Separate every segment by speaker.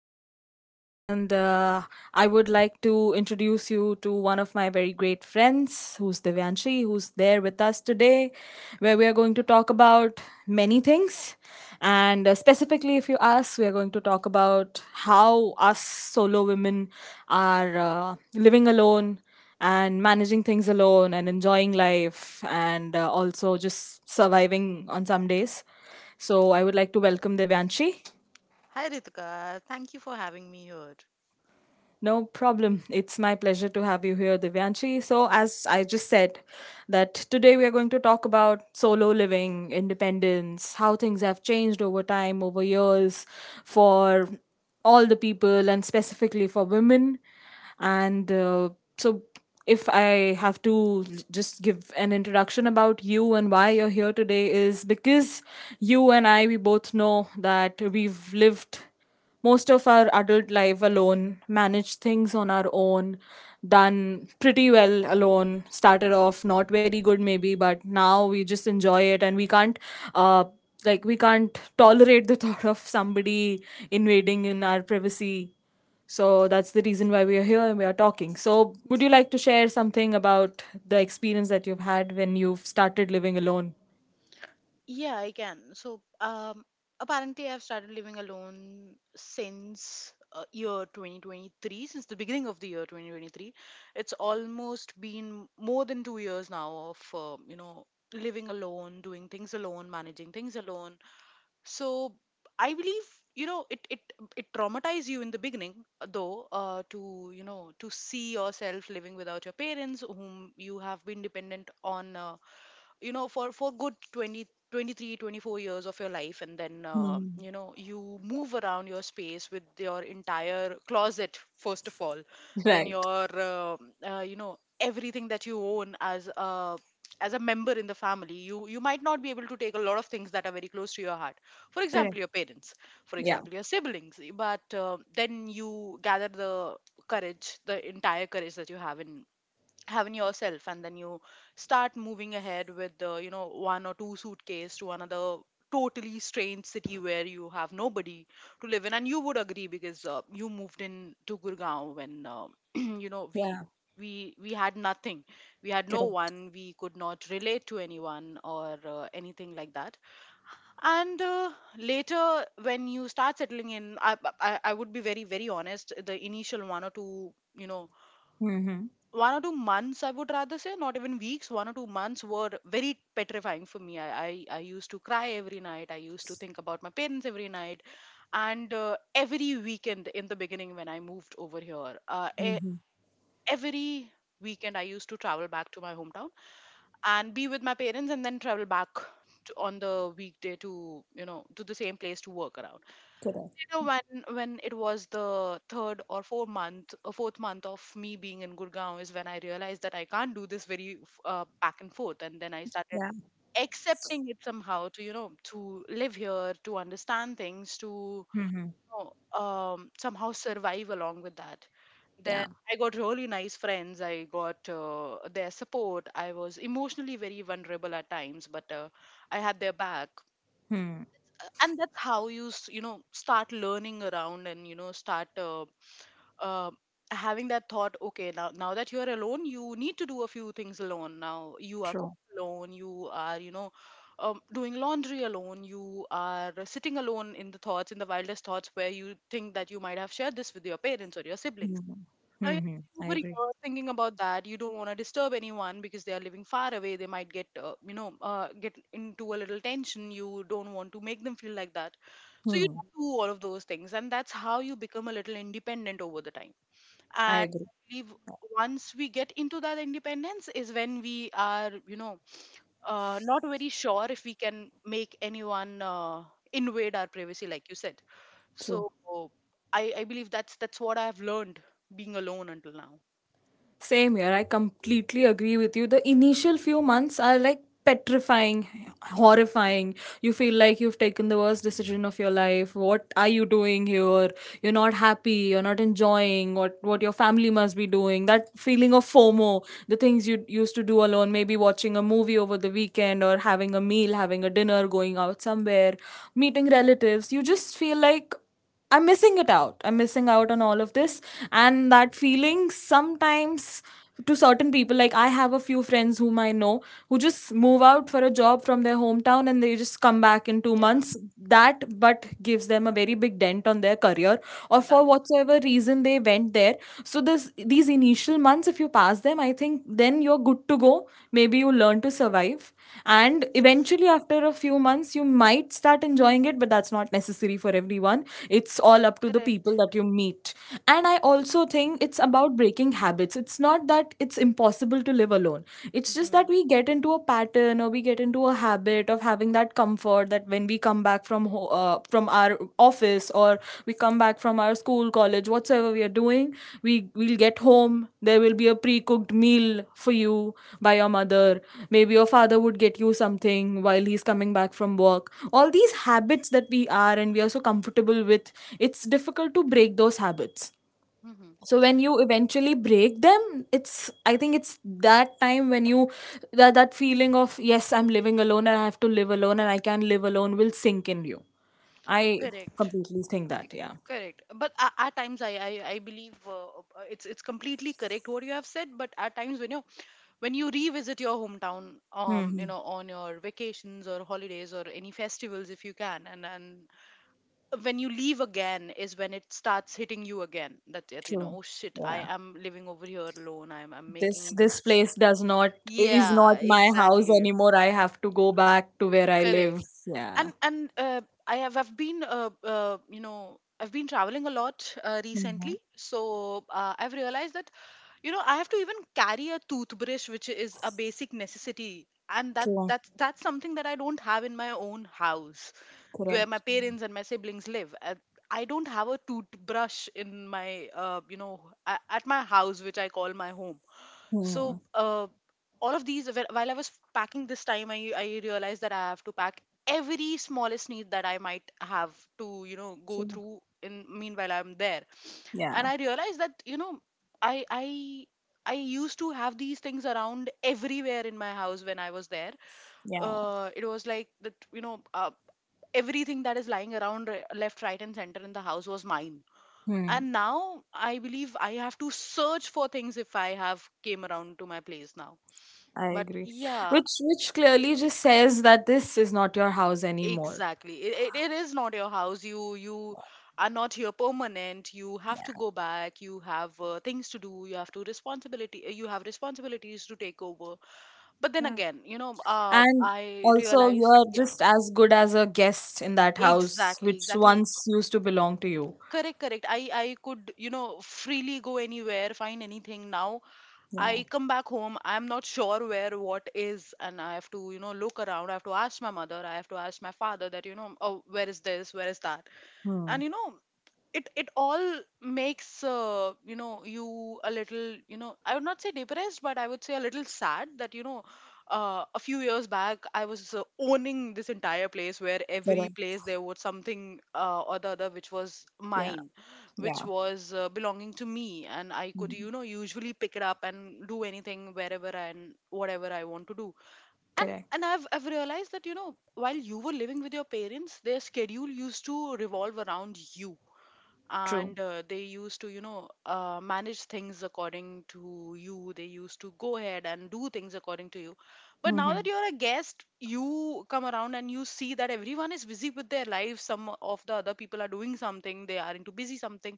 Speaker 1: is Ritika, and I would like to introduce you to one of my very great friends, who's Divyanshi, who's there with us today, where we are going to talk about many things. And specifically, if you ask, we are going to talk about how us solo women are living alone and managing things alone and enjoying life and also just surviving on some days. So I would like to welcome Divyanshi.
Speaker 2: Hi Ritika, thank you for having me here.
Speaker 1: No problem. It's my pleasure to have you here, Divyanshi. So, as I just said, that today we are going to talk about solo living, independence, how things have changed over time, over years, for all the people and specifically for women. And uh, so, if I have to just give an introduction about you and why you're here today, is because you and I, we both know that we've lived most of our adult life alone, managed things on our own, done pretty well alone, started off not very good maybe, but now we just enjoy it and we can't uh like we can't tolerate the thought of somebody invading in our privacy. So that's the reason why we are here and we are talking. So would you like to share something about the experience that you've had when you've started living alone?
Speaker 2: Yeah, I can. So, apparently, I've started living alone since year 2023, since the beginning of the year 2023. It's almost been more than 2 years now of, living alone, doing things alone, managing things alone. So, I believe, you know, it it it traumatized you in the beginning, though, to to see yourself living without your parents, whom you have been dependent on. For good 23-24 years of your life, and then
Speaker 1: Mm.
Speaker 2: you move around your space with your entire closet, first of all. Then
Speaker 1: Right.
Speaker 2: your everything that you own as a member in the family. You might not be able to take a lot of things that are very close to your heart, for example
Speaker 1: Correct.
Speaker 2: your parents, for
Speaker 1: Yeah.
Speaker 2: example your siblings. But then you gather the courage, the entire courage that you have in yourself, and then you start moving ahead with the one or two suitcase to another totally strange city where you have nobody to live in. And you would agree, because you moved in to Gurgaon when you know we
Speaker 1: Yeah.
Speaker 2: we had nothing. We had no
Speaker 1: Correct.
Speaker 2: one. We could not relate to anyone or anything like that. And later, when you start settling in, I would be very, very honest. The initial one or two,
Speaker 1: Mm-hmm.
Speaker 2: 1 or 2 months, I would rather say, not even weeks, 1 or 2 months, were very petrifying for me. I used to cry every night. I used to think about my parents every night. And every weekend in the beginning, when I moved over here,
Speaker 1: Mm-hmm.
Speaker 2: every weekend, I used to travel back to my hometown and be with my parents, and then travel back on the weekday, to to the same place, to work around.
Speaker 1: Correct.
Speaker 2: Later, when it was the third or fourth month, fourth month of me being in Gurgaon, is when I realized that I can't do this very back and forth. And then I started accepting it somehow, to to live here, to understand things, to somehow survive along with that. Then
Speaker 1: Yeah.
Speaker 2: I got really nice friends. I got their support. I was emotionally very vulnerable at times, but I had their back.
Speaker 1: Hmm.
Speaker 2: And that's how you s- you know start learning around, and start uh, having that thought, okay, now that you are alone, you need to do a few things alone. Now you are
Speaker 1: True.
Speaker 2: cooking alone, you are doing laundry alone, you are sitting alone in the thoughts, in the wildest thoughts, where you think that you might have shared this with your parents or your siblings.
Speaker 1: Hmm. Hmm,
Speaker 2: I
Speaker 1: hmm. I
Speaker 2: over
Speaker 1: agree.
Speaker 2: here thinking about that. You don't want to disturb anyone because they are living far away. They might get into a little tension. You don't want to make them feel like that. So you
Speaker 1: Hmm.
Speaker 2: don't do all of those things, and that's how you become a little independent over the time.
Speaker 1: I
Speaker 2: And
Speaker 1: agree.
Speaker 2: I believe once we get into that independence is when we are, not very sure if we can make anyone invade our privacy, like you said.
Speaker 1: True.
Speaker 2: So I believe that's what I've learned being alone until now.
Speaker 1: Same here. I completely agree with you. The initial few months are like petrifying, horrifying. You feel like you've taken the worst decision of your life. What are you doing here? You're not happy. You're not enjoying what your family must be doing. That feeling of FOMO, the things you used to do alone, maybe watching a movie over the weekend or having a meal, having a dinner, going out somewhere, meeting relatives. You just feel like I'm missing it out. I'm missing out on all of this. And that feeling sometimes to certain people, like I have a few friends whom I know who just move out for a job from their hometown and they just come back in two
Speaker 2: Yeah,
Speaker 1: months. That but gives them a very big dent on their career or
Speaker 2: that
Speaker 1: for whatsoever reason they went there. So this these initial months, if you pass them, I think then you're good to go, maybe you learn to survive, and eventually after a few months you might start enjoying it, but that's not necessary for everyone. It's all up to the people
Speaker 2: correct.
Speaker 1: that you meet. And I also think it's about breaking habits. It's not that it's impossible to live alone, it's just that
Speaker 2: Mm-hmm.
Speaker 1: we get into a pattern or we get into a habit of having that comfort that when we come back from from our office, or we come back from our school, college, whatsoever we are doing, we will get home, there will be a pre-cooked meal for you by your mother, maybe your father would get you something while he's coming back from work. All these habits that we are so comfortable with, it's difficult to break those habits.
Speaker 2: Mm-hmm.
Speaker 1: So when you eventually break them, it's I think it's that time when you that feeling of yes, I'm living alone and I have to live alone and I can live alone will sink in you. I
Speaker 2: Correct.
Speaker 1: completely think that, yeah.
Speaker 2: Correct. But at times, I believe it's completely correct what you have said. But at times, when you revisit your hometown,
Speaker 1: Hmm.
Speaker 2: on your vacations or holidays or any festivals, if you can, and when you leave again is when it starts hitting you again.
Speaker 1: True.
Speaker 2: Oh shit, I
Speaker 1: Yeah,
Speaker 2: am living over here alone. I'm
Speaker 1: this
Speaker 2: making
Speaker 1: this
Speaker 2: this.
Speaker 1: place does not is not
Speaker 2: Yeah,
Speaker 1: my house
Speaker 2: exactly.
Speaker 1: anymore, I have to go back to where I live.
Speaker 2: Correct.
Speaker 1: Yeah.
Speaker 2: And I've been traveling a lot
Speaker 1: Hmm.
Speaker 2: recently, so I've realized that I have to even carry a toothbrush, which is a basic necessity, and that
Speaker 1: True.
Speaker 2: that's that's something that I don't have in my own house, where my
Speaker 1: Correct.
Speaker 2: parents and my siblings live. I don't have a toothbrush in my at my house, which I call my home.
Speaker 1: Hmm.
Speaker 2: So, all of these, while I was packing this time, I realized that I have to pack every smallest need that I might have to, go
Speaker 1: True.
Speaker 2: through in meanwhile I'm there.
Speaker 1: Yeah.
Speaker 2: And I realized that, I, I, I used to have these things around everywhere in my house when I was there.
Speaker 1: Yeah.
Speaker 2: It was like that, everything that is lying around left, right, and center in the house was mine.
Speaker 1: Hmm.
Speaker 2: And now I believe I have to search for things if I have came around to my place now.
Speaker 1: I
Speaker 2: But
Speaker 1: agree.
Speaker 2: yeah,
Speaker 1: Which clearly just says that this is not your house anymore.
Speaker 2: exactly. It is not your house. You are not here permanent. You have to go back. You have things to do. You have to responsibility. You have responsibilities to take over. But then
Speaker 1: Yeah.
Speaker 2: again,
Speaker 1: And
Speaker 2: I
Speaker 1: also
Speaker 2: realized,
Speaker 1: you're
Speaker 2: yeah,
Speaker 1: just as good as a guest in that house
Speaker 2: exactly,
Speaker 1: which
Speaker 2: exactly.
Speaker 1: once used to belong to you.
Speaker 2: Correct, correct. I could, freely go anywhere, find anything. Now
Speaker 1: Yeah.
Speaker 2: I come back home. I'm not sure where what is, and I have to, look around. I have to ask my mother. I have to ask my father that, oh, where is this? Where is that?
Speaker 1: Hmm.
Speaker 2: And it all makes you a little, I would not say depressed, but I would say a little sad that a few years back, I was owning this entire place where every
Speaker 1: Correct.
Speaker 2: place there was something or the other, which was
Speaker 1: Yeah.
Speaker 2: mine, which
Speaker 1: Yeah.
Speaker 2: was belonging to me, and I could,
Speaker 1: Hmm.
Speaker 2: usually pick it up and do anything wherever and whatever I want to do. and
Speaker 1: Correct.
Speaker 2: and I've realized that, while you were living with your parents, their schedule used to revolve around you,
Speaker 1: True.
Speaker 2: and they used to, manage things according to you. They used to go ahead and do things according to you. But now
Speaker 1: Mm-hmm.
Speaker 2: that you're a guest, you come around and you see that everyone is busy with their life. Some of the other people are doing something, they are into busy something.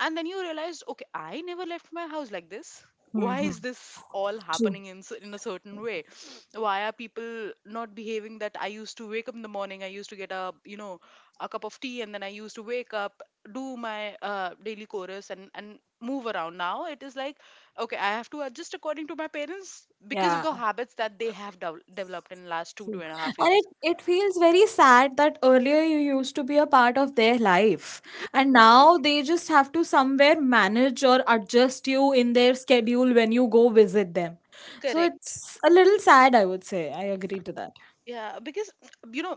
Speaker 2: And then you realized, okay, I never left my house like this. Why
Speaker 1: Mm-hmm.
Speaker 2: is this all
Speaker 1: True.
Speaker 2: happening in a certain way? Why are people not behaving that I used to wake up in the morning, I used to get a, a cup of tea, and then I used to wake up, do my daily chorus, and move around. Now it is like, okay, I have to adjust according to my parents, because of
Speaker 1: Yeah.
Speaker 2: the habits that they have developed in last two
Speaker 1: True.
Speaker 2: and a half
Speaker 1: And it,
Speaker 2: years
Speaker 1: it feels very sad that earlier you used to be a part of their life, and
Speaker 2: Exactly.
Speaker 1: now they just have to somewhere manage or adjust you in their schedule when you go visit them. So
Speaker 2: Correct.
Speaker 1: it's a little sad, I would say. I agree to that.
Speaker 2: Yeah, because you know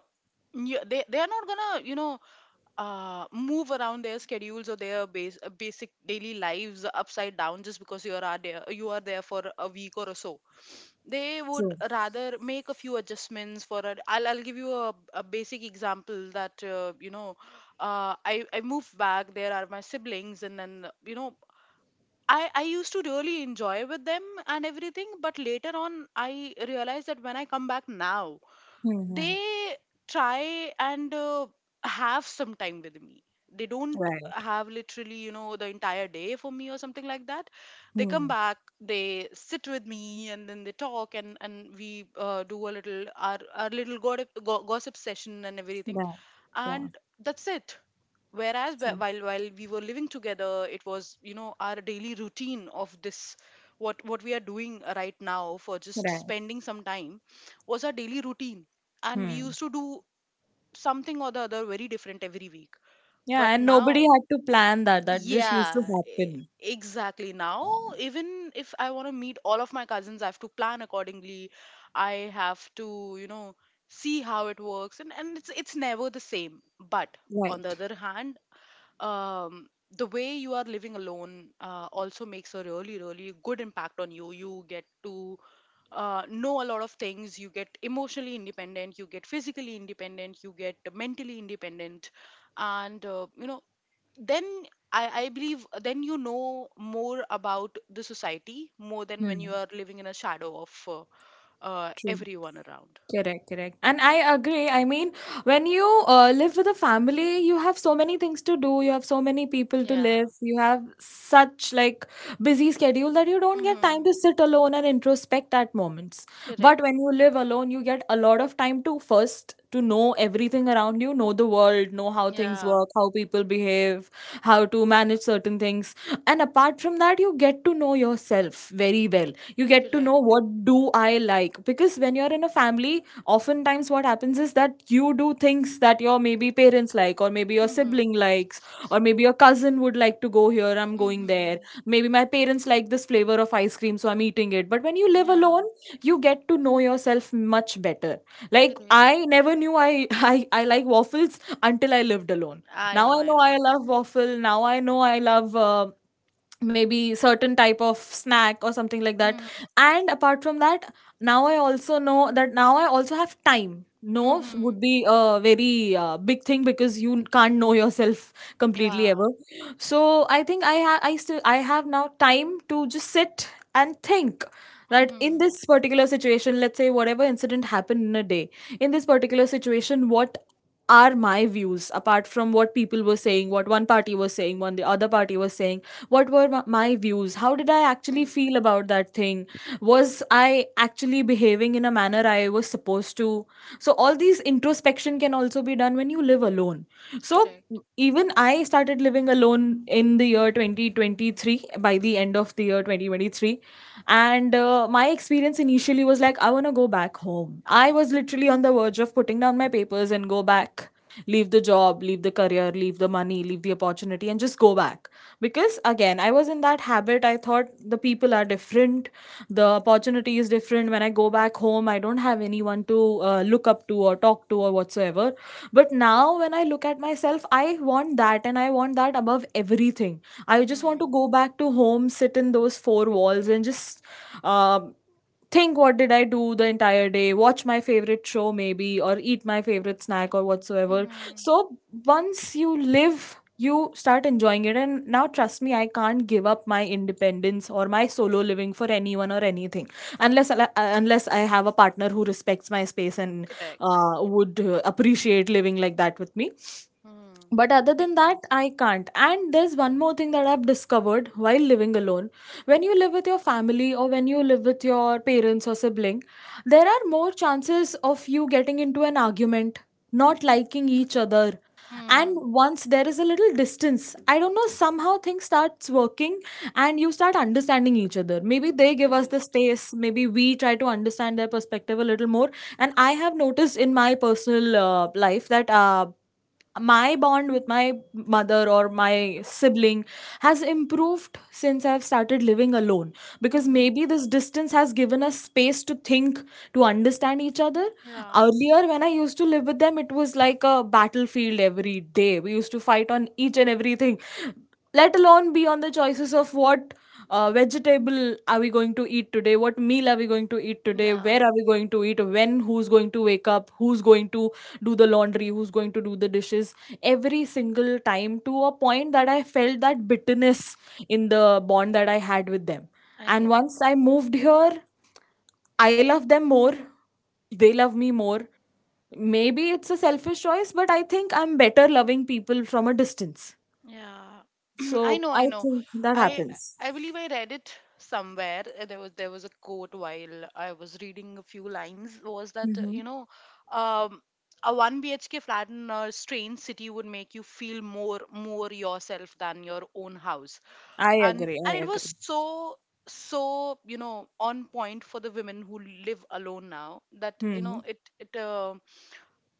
Speaker 2: they are not gonna, move around their schedules or their basic daily lives upside down just because you are there for a week or so. They would
Speaker 1: True.
Speaker 2: rather make a few adjustments. I'll give you a basic example, that I moved back, there are my siblings, and then I used to really enjoy with them and everything. But later on I realized that when I come back now,
Speaker 1: Mm-hmm.
Speaker 2: they try and have some time with me. They don't
Speaker 1: Right.
Speaker 2: have literally, the entire day for me or something like that. They come
Speaker 1: Hmm.
Speaker 2: back, they sit with me and then they talk, and we do a little, our little gossip session and everything,
Speaker 1: Right. Yeah.
Speaker 2: and that's it. Whereas wh-
Speaker 1: True.
Speaker 2: while while we were living together, it was, our daily routine of this. What we are doing right now for just
Speaker 1: Right.
Speaker 2: spending some time was our daily routine, and we
Speaker 1: Hmm.
Speaker 2: used to do something or the other very different every week.
Speaker 1: Yeah,
Speaker 2: But
Speaker 1: and nobody
Speaker 2: now,
Speaker 1: had to plan that. That just used
Speaker 2: yeah
Speaker 1: to
Speaker 2: e-
Speaker 1: happen.
Speaker 2: exactly, now,
Speaker 1: Yeah.
Speaker 2: even if I want to meet all of my cousins, I have to plan accordingly. I have to, you know see how it works, and it's never the same. But on the
Speaker 1: Right.
Speaker 2: other hand, um, the way you are living alone, also makes a really, really good impact on you. You get to know a lot of things. You get emotionally independent. You get physically independent. You get mentally independent. And, then I believe then you know more about the society more than when you
Speaker 1: Hmm.
Speaker 2: are living in a shadow of
Speaker 1: True.
Speaker 2: everyone around.
Speaker 1: Correct, correct. And I agree. I mean, when you live with a family, you have so many things to do. You have so many people to
Speaker 2: Yeah.
Speaker 1: live. You have such like busy schedule that you don't get time
Speaker 2: Mm-hmm.
Speaker 1: to sit alone and introspect at moments. But
Speaker 2: Correct.
Speaker 1: when you live alone, you get a lot of time to first to know everything around you, know the world, know how things
Speaker 2: Yeah.
Speaker 1: work, how people behave, how to manage certain things. And apart from that, you get to know yourself very well. You get to know
Speaker 2: Correct.
Speaker 1: what do I like, because when you're in a family, oftentimes what happens is that you do things that your maybe parents like, or maybe your
Speaker 2: Mm-hmm.
Speaker 1: sibling likes, or maybe your cousin would like to go here, I'm going there,
Speaker 2: Mm-hmm.
Speaker 1: maybe my parents like this flavor of ice cream so I'm eating it. But when you live alone,
Speaker 2: Yeah.
Speaker 1: you get to know yourself much better. Like,
Speaker 2: Correct.
Speaker 1: I never knew I I like waffles until I lived alone.
Speaker 2: I
Speaker 1: Now
Speaker 2: know,
Speaker 1: I
Speaker 2: I
Speaker 1: know I
Speaker 2: know.
Speaker 1: love waffle. Now I know I love maybe certain type of snack or something like that.
Speaker 2: Mm,
Speaker 1: And apart from that, now I also know that now I also have time. No
Speaker 2: mhm.
Speaker 1: would be a very big thing, because you can't know yourself completely
Speaker 2: Yeah.
Speaker 1: ever. So I think I still I have now time to just sit and think, that in
Speaker 2: Mhm.
Speaker 1: this particular situation, let's say whatever incident happened in a day, in this particular situation, what are my views apart from what people were saying, what one party was saying, what the other party was saying, what were my views, how did I actually
Speaker 2: Mm.
Speaker 1: feel about that thing, was I actually behaving in a manner I was supposed to. So all these introspection can also be done when you live alone. So
Speaker 2: Correct.
Speaker 1: even I started living alone in the year 2023, by the end of the year 2023. And my experience initially was like, I want to go back home. I was literally on the verge of putting down my papers and go back, leave the job, leave the career, leave the money, leave the opportunity, and just go back. Because again, I was in that habit. I thought the people are different, the opportunity is different. When I go back home, I don't have anyone to look up to or talk to or whatsoever. But now when I look at myself, I want that, and I want that above everything. I just want to
Speaker 2: Mhm.
Speaker 1: go back to home, sit in those four walls, and just um think what did I do the entire day, watch my favorite show maybe, or eat my favorite snack or whatsoever.
Speaker 2: Mhm.
Speaker 1: So once you live, you start enjoying it, and now trust me, I can't give up my independence or my solo living for anyone or anything, unless I have a partner who respects my space and
Speaker 2: Correct.
Speaker 1: would appreciate living like that with me.
Speaker 2: Mm.
Speaker 1: But other than
Speaker 2: Makes
Speaker 1: that,
Speaker 2: sense.
Speaker 1: I can't. And there's one more thing that I've discovered while living alone. When you live with your family, or when you live with your parents or sibling, there are more chances of you getting into an argument, not liking each other. And
Speaker 2: Mhm.
Speaker 1: once there is a little distance, I don't know, somehow things starts working, and you start understanding each other, maybe they give us the
Speaker 2: Correct.
Speaker 1: space, maybe we try to understand their perspective a little more. And I have noticed in my personal life that my bond with my mother or my sibling has improved since I've started living alone, because
Speaker 2: Mhm.
Speaker 1: maybe this distance has given us space to think, to understand each other.
Speaker 2: Yeah.
Speaker 1: Earlier, when I used to live with them, it was like a battlefield every day. We used to fight on each and everything, let alone be on the choices of what. Vegetable are we going to eat today, what meal are we going to eat today, where
Speaker 2: Yeah.
Speaker 1: are we going to eat, when, who's going to wake up, who's going to do the laundry, who's going to do the dishes, every single time, to a point that I felt that bitterness in the bond that I had with them.
Speaker 2: I
Speaker 1: And
Speaker 2: get it.
Speaker 1: once I moved here, I love them more, they love me more. Maybe it's a selfish choice, but I think I'm better loving people from a distance.
Speaker 2: Yeah. I
Speaker 1: So
Speaker 2: know,
Speaker 1: I
Speaker 2: I know.
Speaker 1: think that
Speaker 2: I
Speaker 1: happens.
Speaker 2: I believe I read it somewhere. There was a quote while I was reading a few lines, was that
Speaker 1: Hmm.
Speaker 2: um, a one BHK flat in a strange city would make you feel more yourself than your own house,
Speaker 1: I
Speaker 2: and
Speaker 1: agree,
Speaker 2: and
Speaker 1: I
Speaker 2: it was
Speaker 1: agree.
Speaker 2: so on point for the women who live alone now that you
Speaker 1: Hmm.
Speaker 2: know it.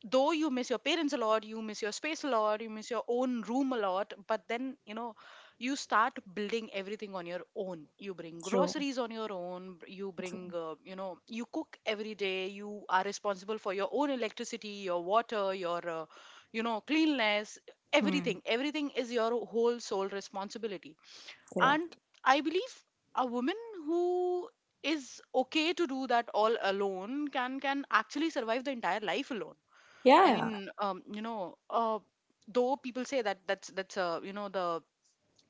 Speaker 2: Though you miss your parents a lot, you miss your space a lot, you miss your own room a lot, but then you start building everything on your own, you bring
Speaker 1: True,
Speaker 2: groceries on your own, you
Speaker 1: true.
Speaker 2: bring you cook every day, you are responsible for your own electricity, your water, your cleanliness.
Speaker 1: Hmm.
Speaker 2: Everything is your whole sole responsibility. And
Speaker 1: Correct.
Speaker 2: I believe a woman who is okay to do that all alone can actually survive the entire life alone.
Speaker 1: Yeah,
Speaker 2: I
Speaker 1: yeah.
Speaker 2: mean, though people say that that's the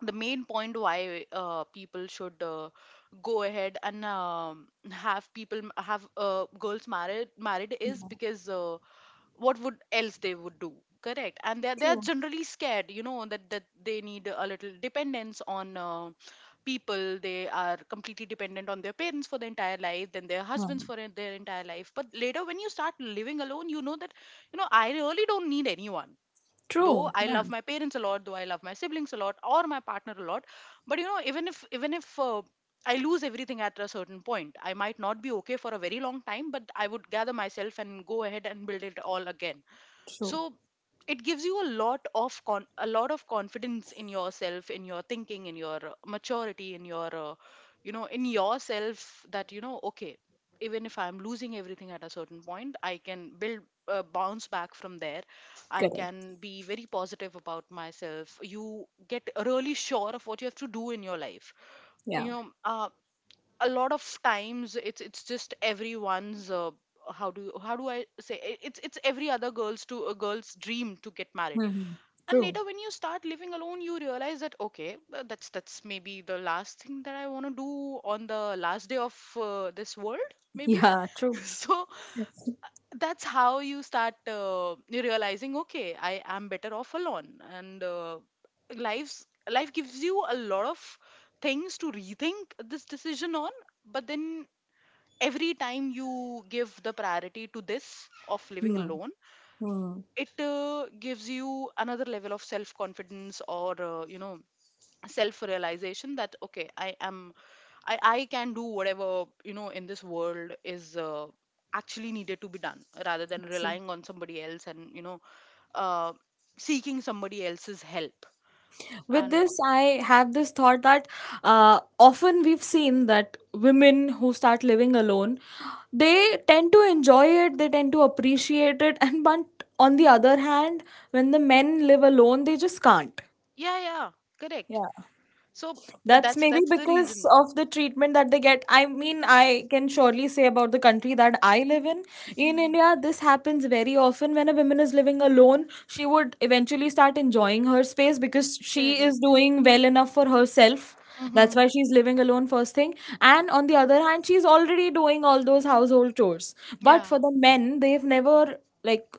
Speaker 2: the main point why people should go ahead and have girls married is
Speaker 1: Yeah.
Speaker 2: because what would else they would do. Correct. And they're
Speaker 1: True.
Speaker 2: generally scared, you know that they need a little dependence on people. They are completely dependent on their parents for their entire life, then their husbands
Speaker 1: Hmm.
Speaker 2: for their entire life. But later, when you start living alone, you know that I really don't need anyone. Though
Speaker 1: True.
Speaker 2: I
Speaker 1: Yeah.
Speaker 2: love my parents a lot, though I love my siblings a lot, or my partner a lot, but even if I lose everything at a certain point, I might not be okay for a very long time, but I would gather myself and go ahead and build it all again.
Speaker 1: True.
Speaker 2: So it gives you a lot of a lot of confidence in yourself, in your thinking, in your maturity, in your in yourself, that you know, okay, even if I'm losing everything at a certain point, I can build bounce back from there. I
Speaker 1: Correct.
Speaker 2: can be very positive about myself. You get really sure of what you have to do in your life.
Speaker 1: Yeah.
Speaker 2: you know uh, a lot of times, it's just everyone's how do I say it- it's every other girl's to a girl's dream to get married.
Speaker 1: Hmm.
Speaker 2: And
Speaker 1: True.
Speaker 2: later, when you start living alone, you realize that, okay, that's maybe the last thing that I want to do on the last day of this world, maybe.
Speaker 1: Yeah, true.
Speaker 2: So that's how you start realizing, okay, I am better off alone, and life's life gives you a lot of things to rethink this decision on. But then, every time you give the priority to this of living
Speaker 1: Hmm.
Speaker 2: alone,
Speaker 1: Hmm.
Speaker 2: it gives you another level of self confidence, or self realization, that okay, I am I can do whatever in this world is actually needed to be done, rather than
Speaker 1: So,
Speaker 2: relying on somebody else, and uh, seeking somebody else's help.
Speaker 1: with
Speaker 2: And
Speaker 1: this, I have this thought that often we've seen that women who start living alone, they tend to enjoy it, they tend to appreciate it, and but on the other hand, when the men live alone, they just can't.
Speaker 2: yeah, yeah, correct.
Speaker 1: Yeah.
Speaker 2: So
Speaker 1: That's
Speaker 2: that's
Speaker 1: maybe
Speaker 2: that's the
Speaker 1: because
Speaker 2: reason.
Speaker 1: of the treatment that they get. I mean, I can surely say about the country that I live in. In
Speaker 2: Hmm.
Speaker 1: India, this happens very often. When a woman is living alone, she would eventually start enjoying her space because she is
Speaker 2: Correct.
Speaker 1: doing well enough for herself. That's
Speaker 2: Hmm.
Speaker 1: why she's living alone, first thing. And on the other hand, she's already doing all those household chores. But
Speaker 2: Yeah.
Speaker 1: for the men, they've never, like,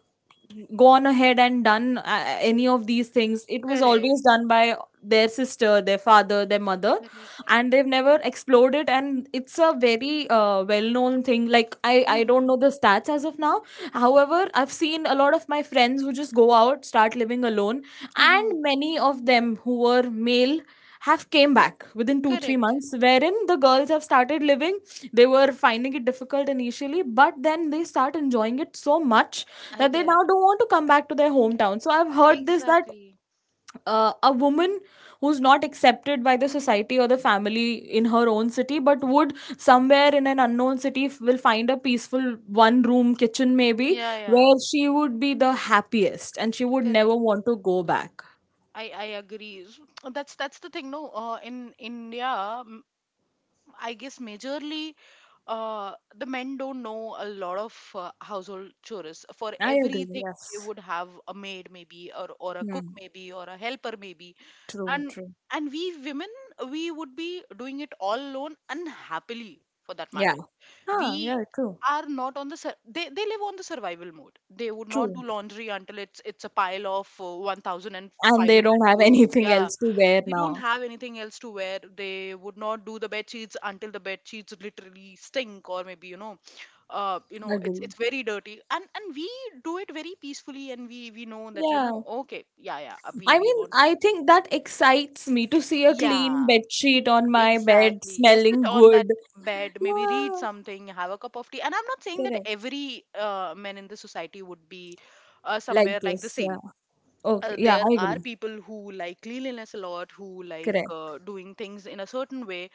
Speaker 1: gone ahead and done any of these things. It was always
Speaker 2: Correct.
Speaker 1: done by their sister, their father, their mother,
Speaker 2: Correct.
Speaker 1: and they've never explored it. And it's a very well known thing. Like, I don't
Speaker 2: Mm-hmm.
Speaker 1: know the stats as of now, however I've seen a lot of my friends who just go out, start living alone,
Speaker 2: Mm-hmm.
Speaker 1: and many of them who were male have came back within 2 3
Speaker 2: Correct.
Speaker 1: months, wherein the girls have started living. They were finding it difficult initially but then they start enjoying it so much
Speaker 2: I
Speaker 1: that they
Speaker 2: get it.
Speaker 1: now don't want to come back to their hometown. So I've heard this, that
Speaker 2: Exactly.
Speaker 1: a woman who's not accepted by the society or the family in her own city, but would somewhere in an unknown city will find a peaceful one room kitchen maybe,
Speaker 2: Yeah, yeah.
Speaker 1: where she would be the happiest and she would never
Speaker 2: Correct.
Speaker 1: want to go back.
Speaker 2: I agree. So, That's the thing, no. In India, I guess majorly, the men don't know a lot of household chores. For
Speaker 1: I agree.
Speaker 2: everything, they
Speaker 1: Yes.
Speaker 2: would have a maid maybe, or a cook
Speaker 1: Hmm.
Speaker 2: maybe, or a helper maybe.
Speaker 1: True.
Speaker 2: and
Speaker 1: True.
Speaker 2: and we women, we would be doing it all alone and happily for that
Speaker 1: Yeah.
Speaker 2: matter. We
Speaker 1: Ah. Yeah. True.
Speaker 2: are not on the sur- They live on the survival mode. They would not
Speaker 1: True.
Speaker 2: do laundry until it's a pile of
Speaker 1: And they
Speaker 2: 1500
Speaker 1: don't have
Speaker 2: clothes,
Speaker 1: anything
Speaker 2: yeah,
Speaker 1: else to wear
Speaker 2: they don't
Speaker 1: now.
Speaker 2: have anything else to wear. They would not do the bed sheets until the bed sheets literally stink, or maybe it's
Speaker 1: Agree.
Speaker 2: it's very dirty. And we do it very peacefully, and we know that,
Speaker 1: Yeah.
Speaker 2: okay, yeah, yeah, we
Speaker 1: I
Speaker 2: we
Speaker 1: mean,
Speaker 2: want
Speaker 1: I
Speaker 2: to.
Speaker 1: think that excites me to see a clean
Speaker 2: Yeah.
Speaker 1: bed sheet on my bed
Speaker 2: Exactly. Yes, sit
Speaker 1: smelling
Speaker 2: on
Speaker 1: good.
Speaker 2: that bed, maybe read
Speaker 1: Yeah,
Speaker 2: something, have a cup of tea. And I'm not saying that
Speaker 1: correct.
Speaker 2: every man in the society would be
Speaker 1: Like
Speaker 2: somewhere like the
Speaker 1: this, yeah.
Speaker 2: same.
Speaker 1: Okay, yeah,
Speaker 2: There
Speaker 1: I
Speaker 2: are
Speaker 1: agree.
Speaker 2: people who like cleanliness a lot, who like
Speaker 1: Correct.
Speaker 2: doing things in a certain way.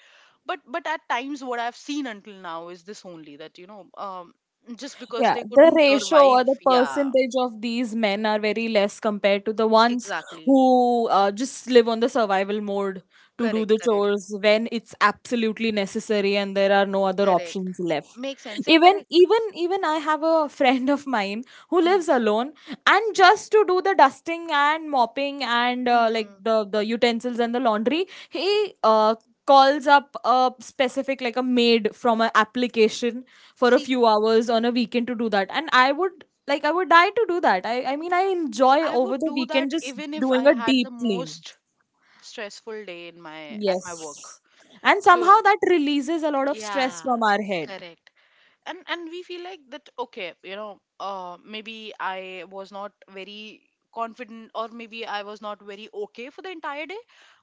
Speaker 2: But at times, what I've seen until now is this only, that just because
Speaker 1: Yeah,
Speaker 2: they
Speaker 1: the
Speaker 2: couldn't
Speaker 1: ratio or
Speaker 2: survive.
Speaker 1: the
Speaker 2: Yeah,
Speaker 1: percentage of these men are very less compared to the ones
Speaker 2: exactly.
Speaker 1: who just live on the survival mode to do
Speaker 2: Correct,
Speaker 1: the
Speaker 2: correct,
Speaker 1: chores when it's absolutely necessary and there are no other
Speaker 2: correct.
Speaker 1: options left.
Speaker 2: Makes sense. Yeah,
Speaker 1: Even
Speaker 2: correct.
Speaker 1: even even I have a friend of mine who
Speaker 2: Hmm.
Speaker 1: lives alone, and just to do the dusting and mopping and like
Speaker 2: Hmm.
Speaker 1: the utensils and the laundry, he calls up a specific, like, a maid from an application for a few hours on a weekend to do that. And I would, like, I would die to do that. I mean, I enjoy
Speaker 2: I
Speaker 1: over
Speaker 2: would
Speaker 1: the
Speaker 2: do
Speaker 1: weekend
Speaker 2: that
Speaker 1: just
Speaker 2: even if I
Speaker 1: doing a
Speaker 2: had
Speaker 1: deep
Speaker 2: the
Speaker 1: clean.
Speaker 2: most stressful day in my at my work.
Speaker 1: Yes. And somehow
Speaker 2: The
Speaker 1: that releases a lot of stress
Speaker 2: Yeah,
Speaker 1: from our head.
Speaker 2: correct. And we feel like that, okay, maybe I was not very confident, or maybe I was not very okay for the entire day,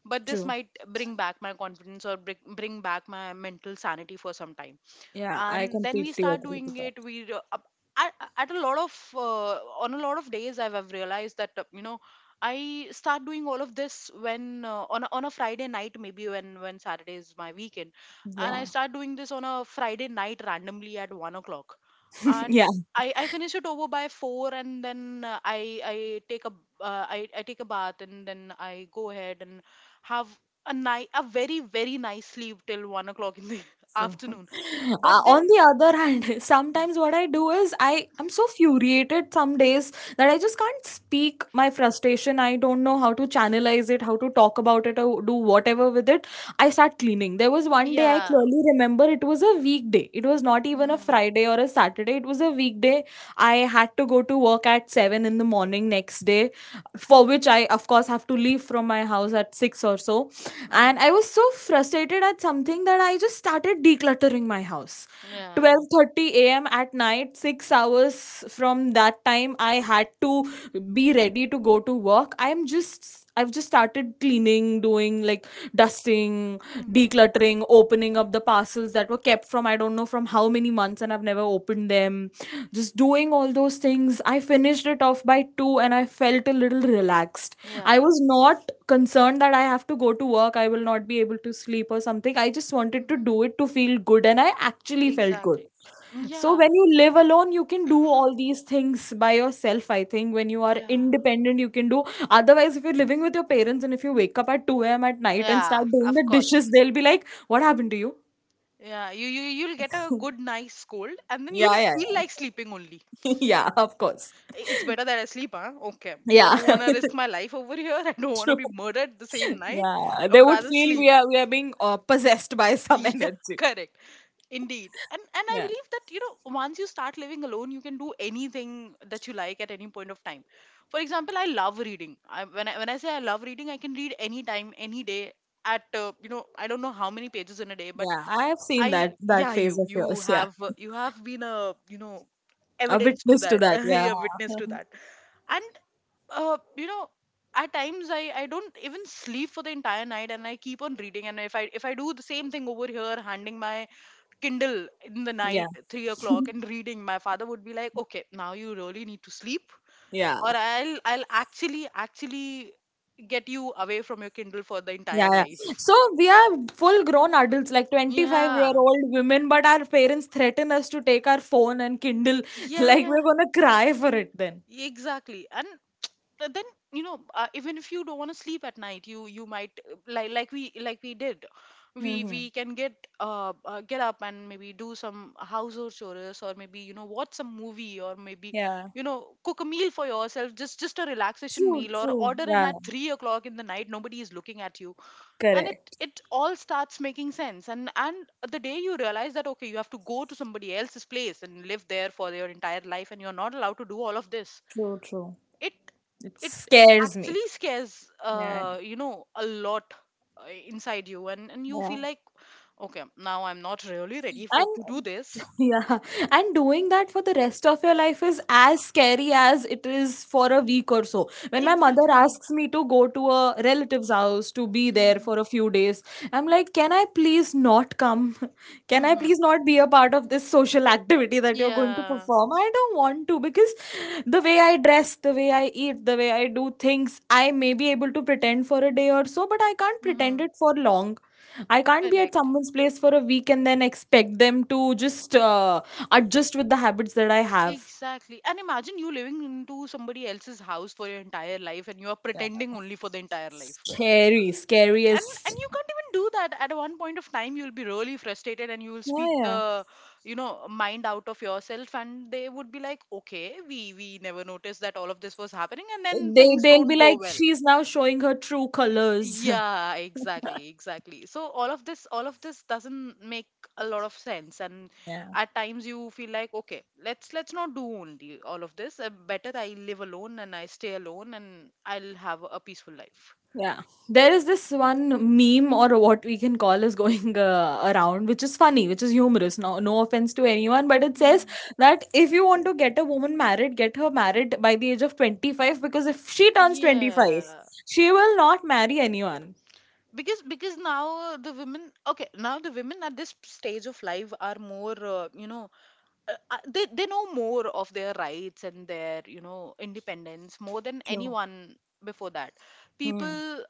Speaker 2: but this
Speaker 1: True.
Speaker 2: might bring back my confidence, or bring back my mental sanity for some time.
Speaker 1: Yeah, I
Speaker 2: And then we
Speaker 1: completely
Speaker 2: start
Speaker 1: agree
Speaker 2: doing
Speaker 1: with that.
Speaker 2: it, at a lot of on a lot of days I've realized that I start doing all of this when on a Friday night maybe, when Saturday is my weekend, and I
Speaker 1: Yeah.
Speaker 2: start doing this on a Friday night randomly at 1 o'clock, and
Speaker 1: Yeah.
Speaker 2: I finish it over by four, and then I take a bath, and then I go ahead and have a very very nice sleep till 1 o'clock in the
Speaker 1: So,
Speaker 2: afternoon. But then
Speaker 1: on the other hand, sometimes what I do is I am so furiated some days that I just can't speak my frustration. I don't know how to channelize it, how to talk about it, or do whatever with it. I start cleaning. There was one day I
Speaker 2: Yeah.
Speaker 1: clearly remember it was a weekday. It was not even a
Speaker 2: Mm,
Speaker 1: Friday or a Saturday. It was a weekday. I had to go to work at 7 in the morning next day, for which I, of course, have to leave from my house at 6 or so. And
Speaker 2: mm-hmm.
Speaker 1: I was so frustrated at something that I just started decluttering my house.
Speaker 2: Yeah.
Speaker 1: 12:30 a.m. at night, 6 hours from that time I had to be ready to go to work. I've just started cleaning, doing like dusting,
Speaker 2: Mm-hmm.
Speaker 1: decluttering, opening up the parcels that were kept from I don't know from how many months, and I've never opened them. Just doing all those things, I finished it off by 2 and I felt a little relaxed. I
Speaker 2: Yeah.
Speaker 1: was not concerned that I have to go to work, I will not be able to sleep or something. I just wanted to
Speaker 2: Mm-hmm.
Speaker 1: do it to feel good, and I actually felt good.
Speaker 2: Exactly.
Speaker 1: So,
Speaker 2: Yeah.
Speaker 1: when you live alone, you can do all these things by yourself. I think when you are
Speaker 2: Yeah.
Speaker 1: independent, you can do otherwise. If you're living with your parents and if you wake up at 2 a.m. at night and
Speaker 2: Yeah.
Speaker 1: start doing
Speaker 2: Of
Speaker 1: the
Speaker 2: course.
Speaker 1: dishes, they'll be like, "What happened to you?"
Speaker 2: Yeah. You'll get a good nice cold, and then you'll
Speaker 1: Yeah, yeah,
Speaker 2: feel like sleeping only.
Speaker 1: yeah, yeah, of course.
Speaker 2: It's better that I sleep, huh? Okay. I
Speaker 1: Yeah,
Speaker 2: don't want to risk my life over here. I don't want to
Speaker 1: true.
Speaker 2: be murdered the same night.
Speaker 1: Yeah,
Speaker 2: I
Speaker 1: they
Speaker 2: would
Speaker 1: would
Speaker 2: rather
Speaker 1: feel
Speaker 2: sleep.
Speaker 1: we are being possessed by some
Speaker 2: Yeah.
Speaker 1: energy.
Speaker 2: Correct. Indeed. And I
Speaker 1: Yeah.
Speaker 2: believe that, once you start living alone, you can do anything that you like at any point of time. For example, I love reading. When I say I love reading, I can read any time, any day, I don't know how many pages in a day, but
Speaker 1: Yeah, I have seen
Speaker 2: I
Speaker 1: that
Speaker 2: yeah,
Speaker 1: phase of yours. Yeah,
Speaker 2: you have been a
Speaker 1: a
Speaker 2: evidence to
Speaker 1: witness to
Speaker 2: that.
Speaker 1: that. Yeah,
Speaker 2: You're witness to that. And uh, you know, at times, I don't even sleep for the entire night, and I keep on reading. And if I do the same thing over here, handing my Kindle in the
Speaker 1: yeah,
Speaker 2: night, 3 o'clock, and reading, my father would be like, "Okay, now you really need to sleep,
Speaker 1: yeah,
Speaker 2: or I'll actually get you away from your Kindle for the
Speaker 1: yeah,
Speaker 2: entire
Speaker 1: yeah.
Speaker 2: life."
Speaker 1: So we are full grown adults, like 25-year-old
Speaker 2: Yeah,
Speaker 1: old women, but our parents threaten us to take our phone and Kindle.
Speaker 2: yeah,
Speaker 1: Like we're
Speaker 2: yeah,
Speaker 1: gonna cry for it then.
Speaker 2: exactly. And then, even if you don't want to sleep at night, you might like we did, we
Speaker 1: Hmm.
Speaker 2: we can get up and maybe do some household chores, or maybe watch some movie, or maybe
Speaker 1: Yeah.
Speaker 2: cook a meal for yourself, just a relaxation
Speaker 1: True.
Speaker 2: meal, or
Speaker 1: True.
Speaker 2: order in
Speaker 1: Yeah.
Speaker 2: at 3 o'clock in the night, nobody is looking at you. And it
Speaker 1: Correct.
Speaker 2: it all starts making sense. And the day you realize that okay, you have to go to somebody else's place and live there for your entire life, and you're not allowed to do all of this,
Speaker 1: True. True.
Speaker 2: it
Speaker 1: It
Speaker 2: it
Speaker 1: scares
Speaker 2: actually
Speaker 1: me.
Speaker 2: scares
Speaker 1: Yeah.
Speaker 2: a lot inside you. And you
Speaker 1: Yeah.
Speaker 2: feel like, okay, now I'm not really ready for to do
Speaker 1: And
Speaker 2: this.
Speaker 1: yeah, and doing that for the rest of your life is as scary as it is for a week or so. When my mother
Speaker 2: Exactly.
Speaker 1: asks me to go to a relative's house to be there for
Speaker 2: Mm-hmm.
Speaker 1: a few days, I'm like, can I please not come? Can I please not be a part of this social activity that you're going to
Speaker 2: Yeah.
Speaker 1: perform? I don't want to because the way I dress, the way I eat, the way I do things, I may be able to pretend for a day or so, but I can't pretend
Speaker 2: Mm-hmm.
Speaker 1: it for long. I can't be at
Speaker 2: Correct.
Speaker 1: someone's place for a week and then expect them to just adjust with the habits that I have.
Speaker 2: Exactly. And imagine you living into somebody else's house for your entire life, and you are pretending only for the entire life,
Speaker 1: Scary,
Speaker 2: and
Speaker 1: scariest.
Speaker 2: you can't even do that. At one point of time, you'll be really frustrated, and you will speak
Speaker 1: Yeah, yeah.
Speaker 2: the mind out of yourself, and they would be like, okay, we never noticed that all of this was happening, and then
Speaker 1: They
Speaker 2: things
Speaker 1: they'll
Speaker 2: don't
Speaker 1: be
Speaker 2: go
Speaker 1: like,
Speaker 2: well.
Speaker 1: she's now showing her true colors.
Speaker 2: Yeah, exactly, exactly. So all of this doesn't make a lot of sense. And
Speaker 1: Yeah.
Speaker 2: at times you feel like, okay, let's not do only all of this, better I live alone, and I stay alone, and I'll have a peaceful life.
Speaker 1: Yeah. There is this one meme, or what we can call, is going around, which is funny, which is humorous. No, no offense to anyone, but it
Speaker 2: Hmm.
Speaker 1: says that if you want to get a woman married, get her married by the age of 25, because if she turns 25,
Speaker 2: Yeah,
Speaker 1: she will not marry anyone.
Speaker 2: because now the women okay Now the women at this stage of life are more you know they know more of their rights and their, you know, independence more than
Speaker 1: True.
Speaker 2: anyone before that
Speaker 1: Mm.
Speaker 2: people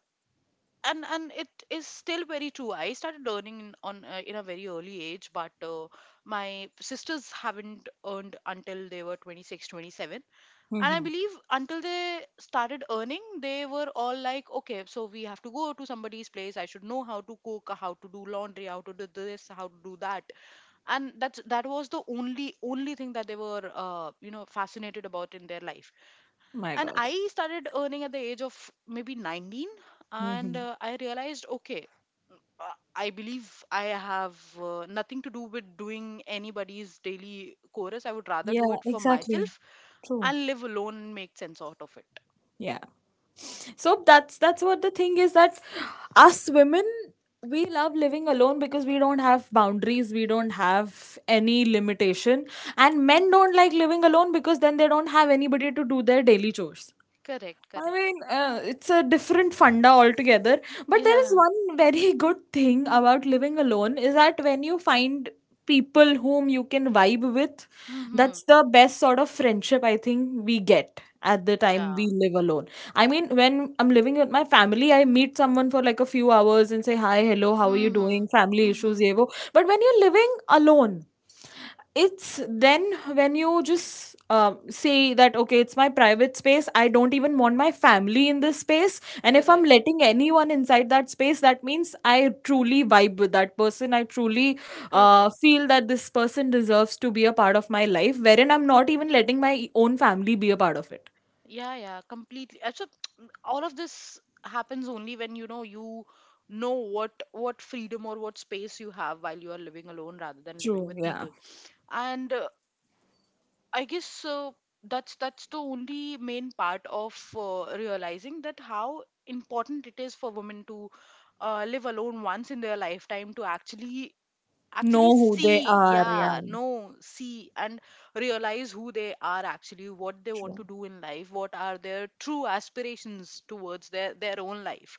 Speaker 2: and It is still very true. I started earning in a very early age, but my sisters haven't earned until they were 26, 27. And I
Speaker 1: Mm-hmm.
Speaker 2: believe until they started earning, they were all like, okay, so we have to go to somebody's place. I should know how to cook, how to do laundry, how to do this, how to do that. And that was the only thing that they were, you know, fascinated about in their life.
Speaker 1: My
Speaker 2: And I
Speaker 1: God.
Speaker 2: started earning at the age of maybe 19. And
Speaker 1: Mm-hmm.
Speaker 2: I realized, okay, I believe I have nothing to do with doing anybody's daily chorus. I would rather do
Speaker 1: Yeah,
Speaker 2: it for
Speaker 1: exactly.
Speaker 2: myself. I'll
Speaker 1: True.
Speaker 2: live alone and make sense out of it.
Speaker 1: Yeah. So that's what the thing is, that us women, we love living alone because we don't have boundaries, we don't have any limitation, and men don't like living alone because then they don't have anybody to do their daily chores.
Speaker 2: Correct,
Speaker 1: I
Speaker 2: correct.
Speaker 1: mean, it's a different funda altogether. But there is
Speaker 2: Yeah.
Speaker 1: one very good thing about living alone, is that when you find people whom you can vibe with,
Speaker 2: Mm-hmm.
Speaker 1: that's the best sort of friendship I think we get at the time
Speaker 2: Yeah.
Speaker 1: we live alone. I mean, when I'm living with my family, I meet someone for like a few hours and say, "Hi, hello, how are you
Speaker 2: Mm-hmm.
Speaker 1: doing? Family issues,
Speaker 2: Mm-hmm.
Speaker 1: yevo." But when you're living alone, it's then, when you just say that, okay, it's my private space, I don't even want my family in this space, and if I'm
Speaker 2: Correct.
Speaker 1: letting anyone inside that space, that means I truly vibe with that person, I truly
Speaker 2: Correct.
Speaker 1: feel that this person deserves to be a part of my life, wherein I'm not even letting my own family be a part of it.
Speaker 2: Yeah, yeah, completely. So all of this happens only when you know what freedom or what space you have while you are living alone rather than living
Speaker 1: True,
Speaker 2: with
Speaker 1: yeah.
Speaker 2: people. And I guess that's the only main part of realizing that how important it is for women to live alone once in their lifetime to actually
Speaker 1: Know
Speaker 2: actually
Speaker 1: who they
Speaker 2: see
Speaker 1: are, yeah.
Speaker 2: yeah know, see and realize who they are, actually what they want
Speaker 1: True.
Speaker 2: to do in life, what are their true aspirations towards their own life.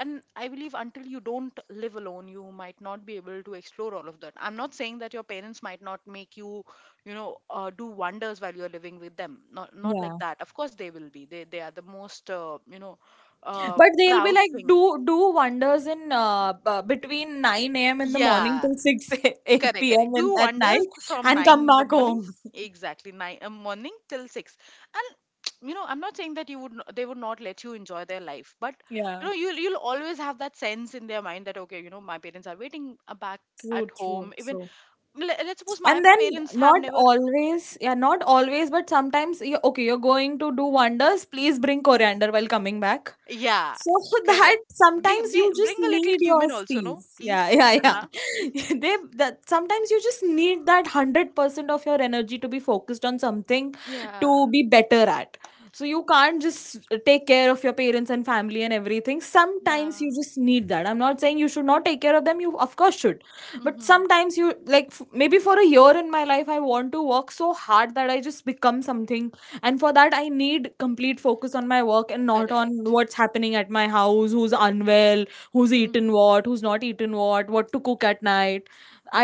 Speaker 2: And I believe until you don't live alone, you might not be able to explore all of that. I'm not saying that your parents might not make you, you know, do wonders while you're living with them. Not
Speaker 1: Yeah.
Speaker 2: like that. Of course they will be, they are the most, you know, uh,
Speaker 1: But they'll be
Speaker 2: proud
Speaker 1: like,
Speaker 2: thing.
Speaker 1: do wonders in between 9 a.m. in the morning
Speaker 2: Yeah.
Speaker 1: till 6
Speaker 2: Correct, correct.
Speaker 1: p.m. In,
Speaker 2: Do
Speaker 1: at
Speaker 2: wonders
Speaker 1: night,
Speaker 2: from
Speaker 1: and
Speaker 2: 9
Speaker 1: come
Speaker 2: in the
Speaker 1: back
Speaker 2: morning,
Speaker 1: home.
Speaker 2: exactly 9 morning till 6. And you know, I'm not saying that you would they would not let you enjoy their life, but you
Speaker 1: Yeah,
Speaker 2: know, you'll always have that sense in their mind that okay, you know, my parents are waiting back
Speaker 1: true,
Speaker 2: at home.
Speaker 1: true,
Speaker 2: Even
Speaker 1: true.
Speaker 2: let's suppose my
Speaker 1: And then
Speaker 2: parents have
Speaker 1: not
Speaker 2: never,
Speaker 1: always, yeah, not always, but sometimes you, okay, you're going to do wonders. Please bring coriander while coming back.
Speaker 2: yeah,
Speaker 1: So that
Speaker 2: correct. Bring,
Speaker 1: sometimes
Speaker 2: bring,
Speaker 1: you just
Speaker 2: bring a little
Speaker 1: need
Speaker 2: cumin
Speaker 1: your
Speaker 2: also, no,
Speaker 1: space. Yeah,
Speaker 2: please,
Speaker 1: yeah,
Speaker 2: Anna.
Speaker 1: yeah. They, that sometimes you just need that 100% of your energy to be focused on something
Speaker 2: Yeah,
Speaker 1: to be better at. So you can't just take care of your parents and family and everything. Sometimes
Speaker 2: yeah,
Speaker 1: you just need that. I'm not saying you should not take care of them. You of course should, but
Speaker 2: mm-hmm.
Speaker 1: sometimes you like maybe for a year in my life I want to work so hard that I just become something, and for that I need complete focus on my work and not on
Speaker 2: Correct.
Speaker 1: what's happening at my house, who's unwell, who's eaten
Speaker 2: Mm-hmm.
Speaker 1: what, who's not eaten what to cook at night.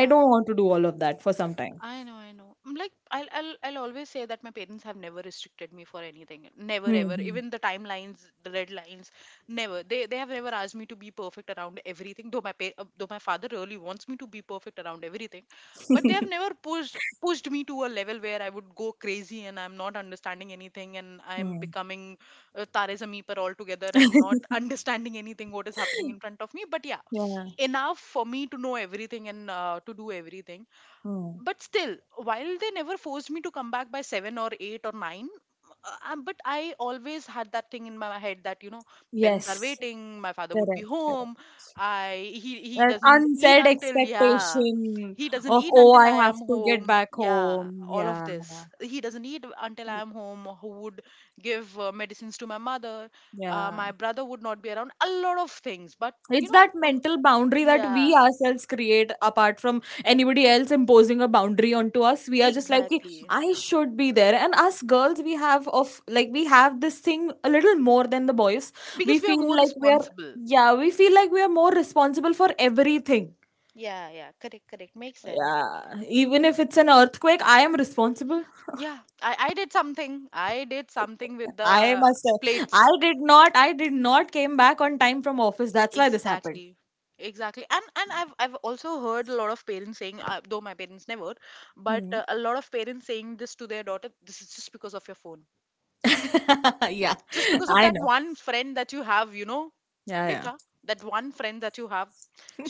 Speaker 1: I don't want to do all of that for some time.
Speaker 2: I know, I know. I'm like I'll always say that my parents have never restricted me for anything. Never ever.
Speaker 1: Hmm.
Speaker 2: Even the timelines, the red lines, never. They have never asked me to be perfect around everything. Though my father really wants me to be perfect around everything, but they have never pushed me to a level where I would go crazy and I'm not understanding anything, and I'm
Speaker 1: Hmm.
Speaker 2: becoming Tare Zameen Par altogether and not understanding anything what is happening in front of me. But yeah,
Speaker 1: yeah.
Speaker 2: enough for me to know everything, and to do everything.
Speaker 1: Hmm.
Speaker 2: But still, while they never forced me to come back by 7 or 8 or 9 but I always had that thing in my head that, you know, parents are
Speaker 1: Yes.
Speaker 2: waiting. My father would be
Speaker 1: Correct, correct.
Speaker 2: home. I he
Speaker 1: That
Speaker 2: doesn't eat
Speaker 1: unsaid
Speaker 2: until, yeah,
Speaker 1: expectation
Speaker 2: he doesn't
Speaker 1: of,
Speaker 2: eat
Speaker 1: oh,
Speaker 2: until I
Speaker 1: I have
Speaker 2: am
Speaker 1: to get
Speaker 2: home.
Speaker 1: back
Speaker 2: Yeah.
Speaker 1: home.
Speaker 2: All of
Speaker 1: Yeah.
Speaker 2: this. He doesn't eat until I am home. Who would give medicines to my mother?
Speaker 1: Yeah,
Speaker 2: My brother would not be around a lot of things, but you
Speaker 1: it's that
Speaker 2: know,
Speaker 1: mental boundary that we
Speaker 2: yeah,
Speaker 1: ourselves create apart from anybody else imposing a boundary onto us. We are just like, "Ki,
Speaker 2: exactly.
Speaker 1: I should be there." And us girls, we have of like we have this thing a little more than the boys. We
Speaker 2: Because we are
Speaker 1: feel
Speaker 2: more
Speaker 1: like we are,
Speaker 2: responsible.
Speaker 1: yeah, we feel like we are more responsible for everything.
Speaker 2: Yeah, yeah, correct, correct. Makes sense.
Speaker 1: Yeah, even if it's an earthquake I am responsible.
Speaker 2: Yeah, I did something. I did something with
Speaker 1: I
Speaker 2: the
Speaker 1: must have i
Speaker 2: plates.
Speaker 1: did not i did not came back on time from office, that's why this happened.
Speaker 2: Exactly. Exactly. And I've also heard a lot of parents saying, though my parents never, but
Speaker 1: Hmm.
Speaker 2: a lot of parents saying this to their daughter, this is just because of your phone.
Speaker 1: Yeah,
Speaker 2: Just because of
Speaker 1: I
Speaker 2: that
Speaker 1: know.
Speaker 2: one friend that you have, you know,
Speaker 1: Yeah, yeah.
Speaker 2: beta, that one friend that you have,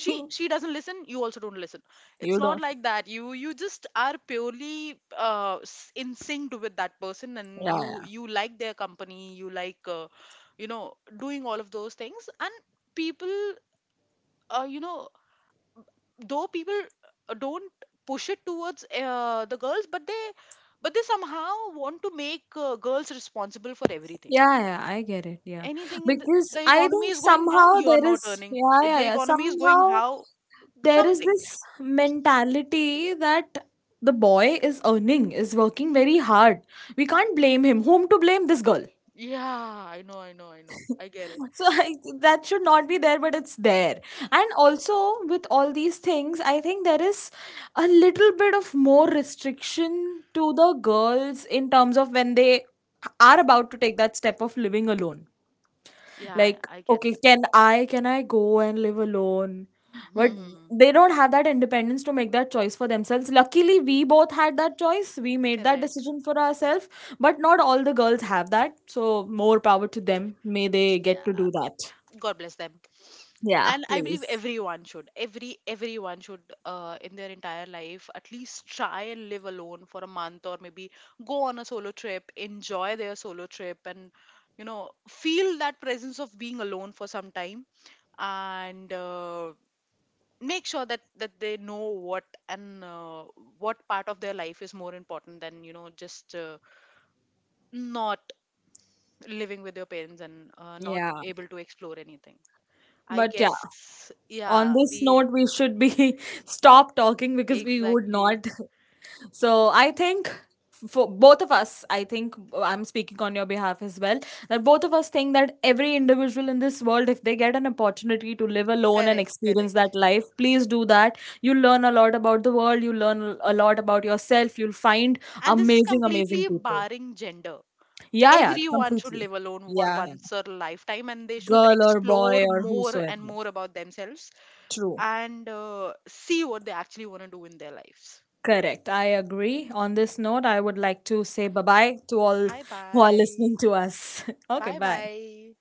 Speaker 2: she doesn't listen, you also don't listen. It's
Speaker 1: You
Speaker 2: not
Speaker 1: don't.
Speaker 2: like that. You just are purely in sync with that person and
Speaker 1: Yeah,
Speaker 2: you
Speaker 1: yeah,
Speaker 2: you like their company, you like, you know, doing all of those things. And people, you know, though people, don't push it towards, the girls, but they, but they somehow want to make, girls responsible for everything.
Speaker 1: yeah, yeah. I get it. Yeah,
Speaker 2: Anything in the,
Speaker 1: because
Speaker 2: the
Speaker 1: I
Speaker 2: economy
Speaker 1: think
Speaker 2: is going down,
Speaker 1: somehow
Speaker 2: you are
Speaker 1: there
Speaker 2: not
Speaker 1: is,
Speaker 2: earning.
Speaker 1: yeah,
Speaker 2: If
Speaker 1: yeah,
Speaker 2: the
Speaker 1: yeah.
Speaker 2: economy is going
Speaker 1: Somehow
Speaker 2: how,
Speaker 1: there is
Speaker 2: something.
Speaker 1: this mentality that the boy is earning, is working very hard. We can't blame him. Whom to blame? This girl.
Speaker 2: Yeah, I know, I get it.
Speaker 1: So I, that should not be there, but it's there. And also with all these things, I think there is a little bit of more restriction to the girls in terms of when they are about to take that step of living alone.
Speaker 2: Yeah, i,
Speaker 1: Like,
Speaker 2: I get
Speaker 1: okay,
Speaker 2: it.
Speaker 1: can I go and live alone? But
Speaker 2: Hmm.
Speaker 1: they don't have that independence to make that choice for themselves. Luckily, we both had that choice. We made that
Speaker 2: Correct.
Speaker 1: decision for ourselves, but not all the girls have that. So, more power to them. May they get
Speaker 2: Yeah,
Speaker 1: to do that.
Speaker 2: God bless them.
Speaker 1: Yeah,
Speaker 2: And I believe
Speaker 1: please.
Speaker 2: everyone should, everyone should, in their entire life, at least try and live alone for a month or maybe go on a solo trip, enjoy their solo trip, and you know, feel that presence of being alone for some time. And make sure that they know what, and what part of their life is more important than, you know, just, not living with your parents and, not
Speaker 1: Yeah.
Speaker 2: able to explore anything. I
Speaker 1: But yeah,
Speaker 2: guess,
Speaker 1: on
Speaker 2: yeah,
Speaker 1: this
Speaker 2: we,
Speaker 1: note, we should be stop talking because we would
Speaker 2: exactly.
Speaker 1: not. So I think for both of us, I think I'm speaking on your behalf as well, that both of us think that every individual in this world, if they get an opportunity to live alone and
Speaker 2: Correct,
Speaker 1: experience
Speaker 2: correct.
Speaker 1: that life, please do that. You learn a lot about the world, you learn a lot about yourself, you'll find
Speaker 2: And this is
Speaker 1: amazing, amazing
Speaker 2: completely
Speaker 1: people.
Speaker 2: barring gender.
Speaker 1: Yeah, yeah,
Speaker 2: Everyone should
Speaker 1: completely.
Speaker 2: live alone for
Speaker 1: Yeah, yeah.
Speaker 2: once or lifetime and they should
Speaker 1: Girl or
Speaker 2: explore
Speaker 1: boy or
Speaker 2: more
Speaker 1: whosoever.
Speaker 2: and more about themselves,
Speaker 1: True.
Speaker 2: and see what they actually want to do in their lives.
Speaker 1: Correct. I agree. On this note, I would like to say bye bye to all
Speaker 2: Bye
Speaker 1: who are
Speaker 2: bye.
Speaker 1: listening to us. Okay,
Speaker 2: Bye
Speaker 1: bye.
Speaker 2: bye.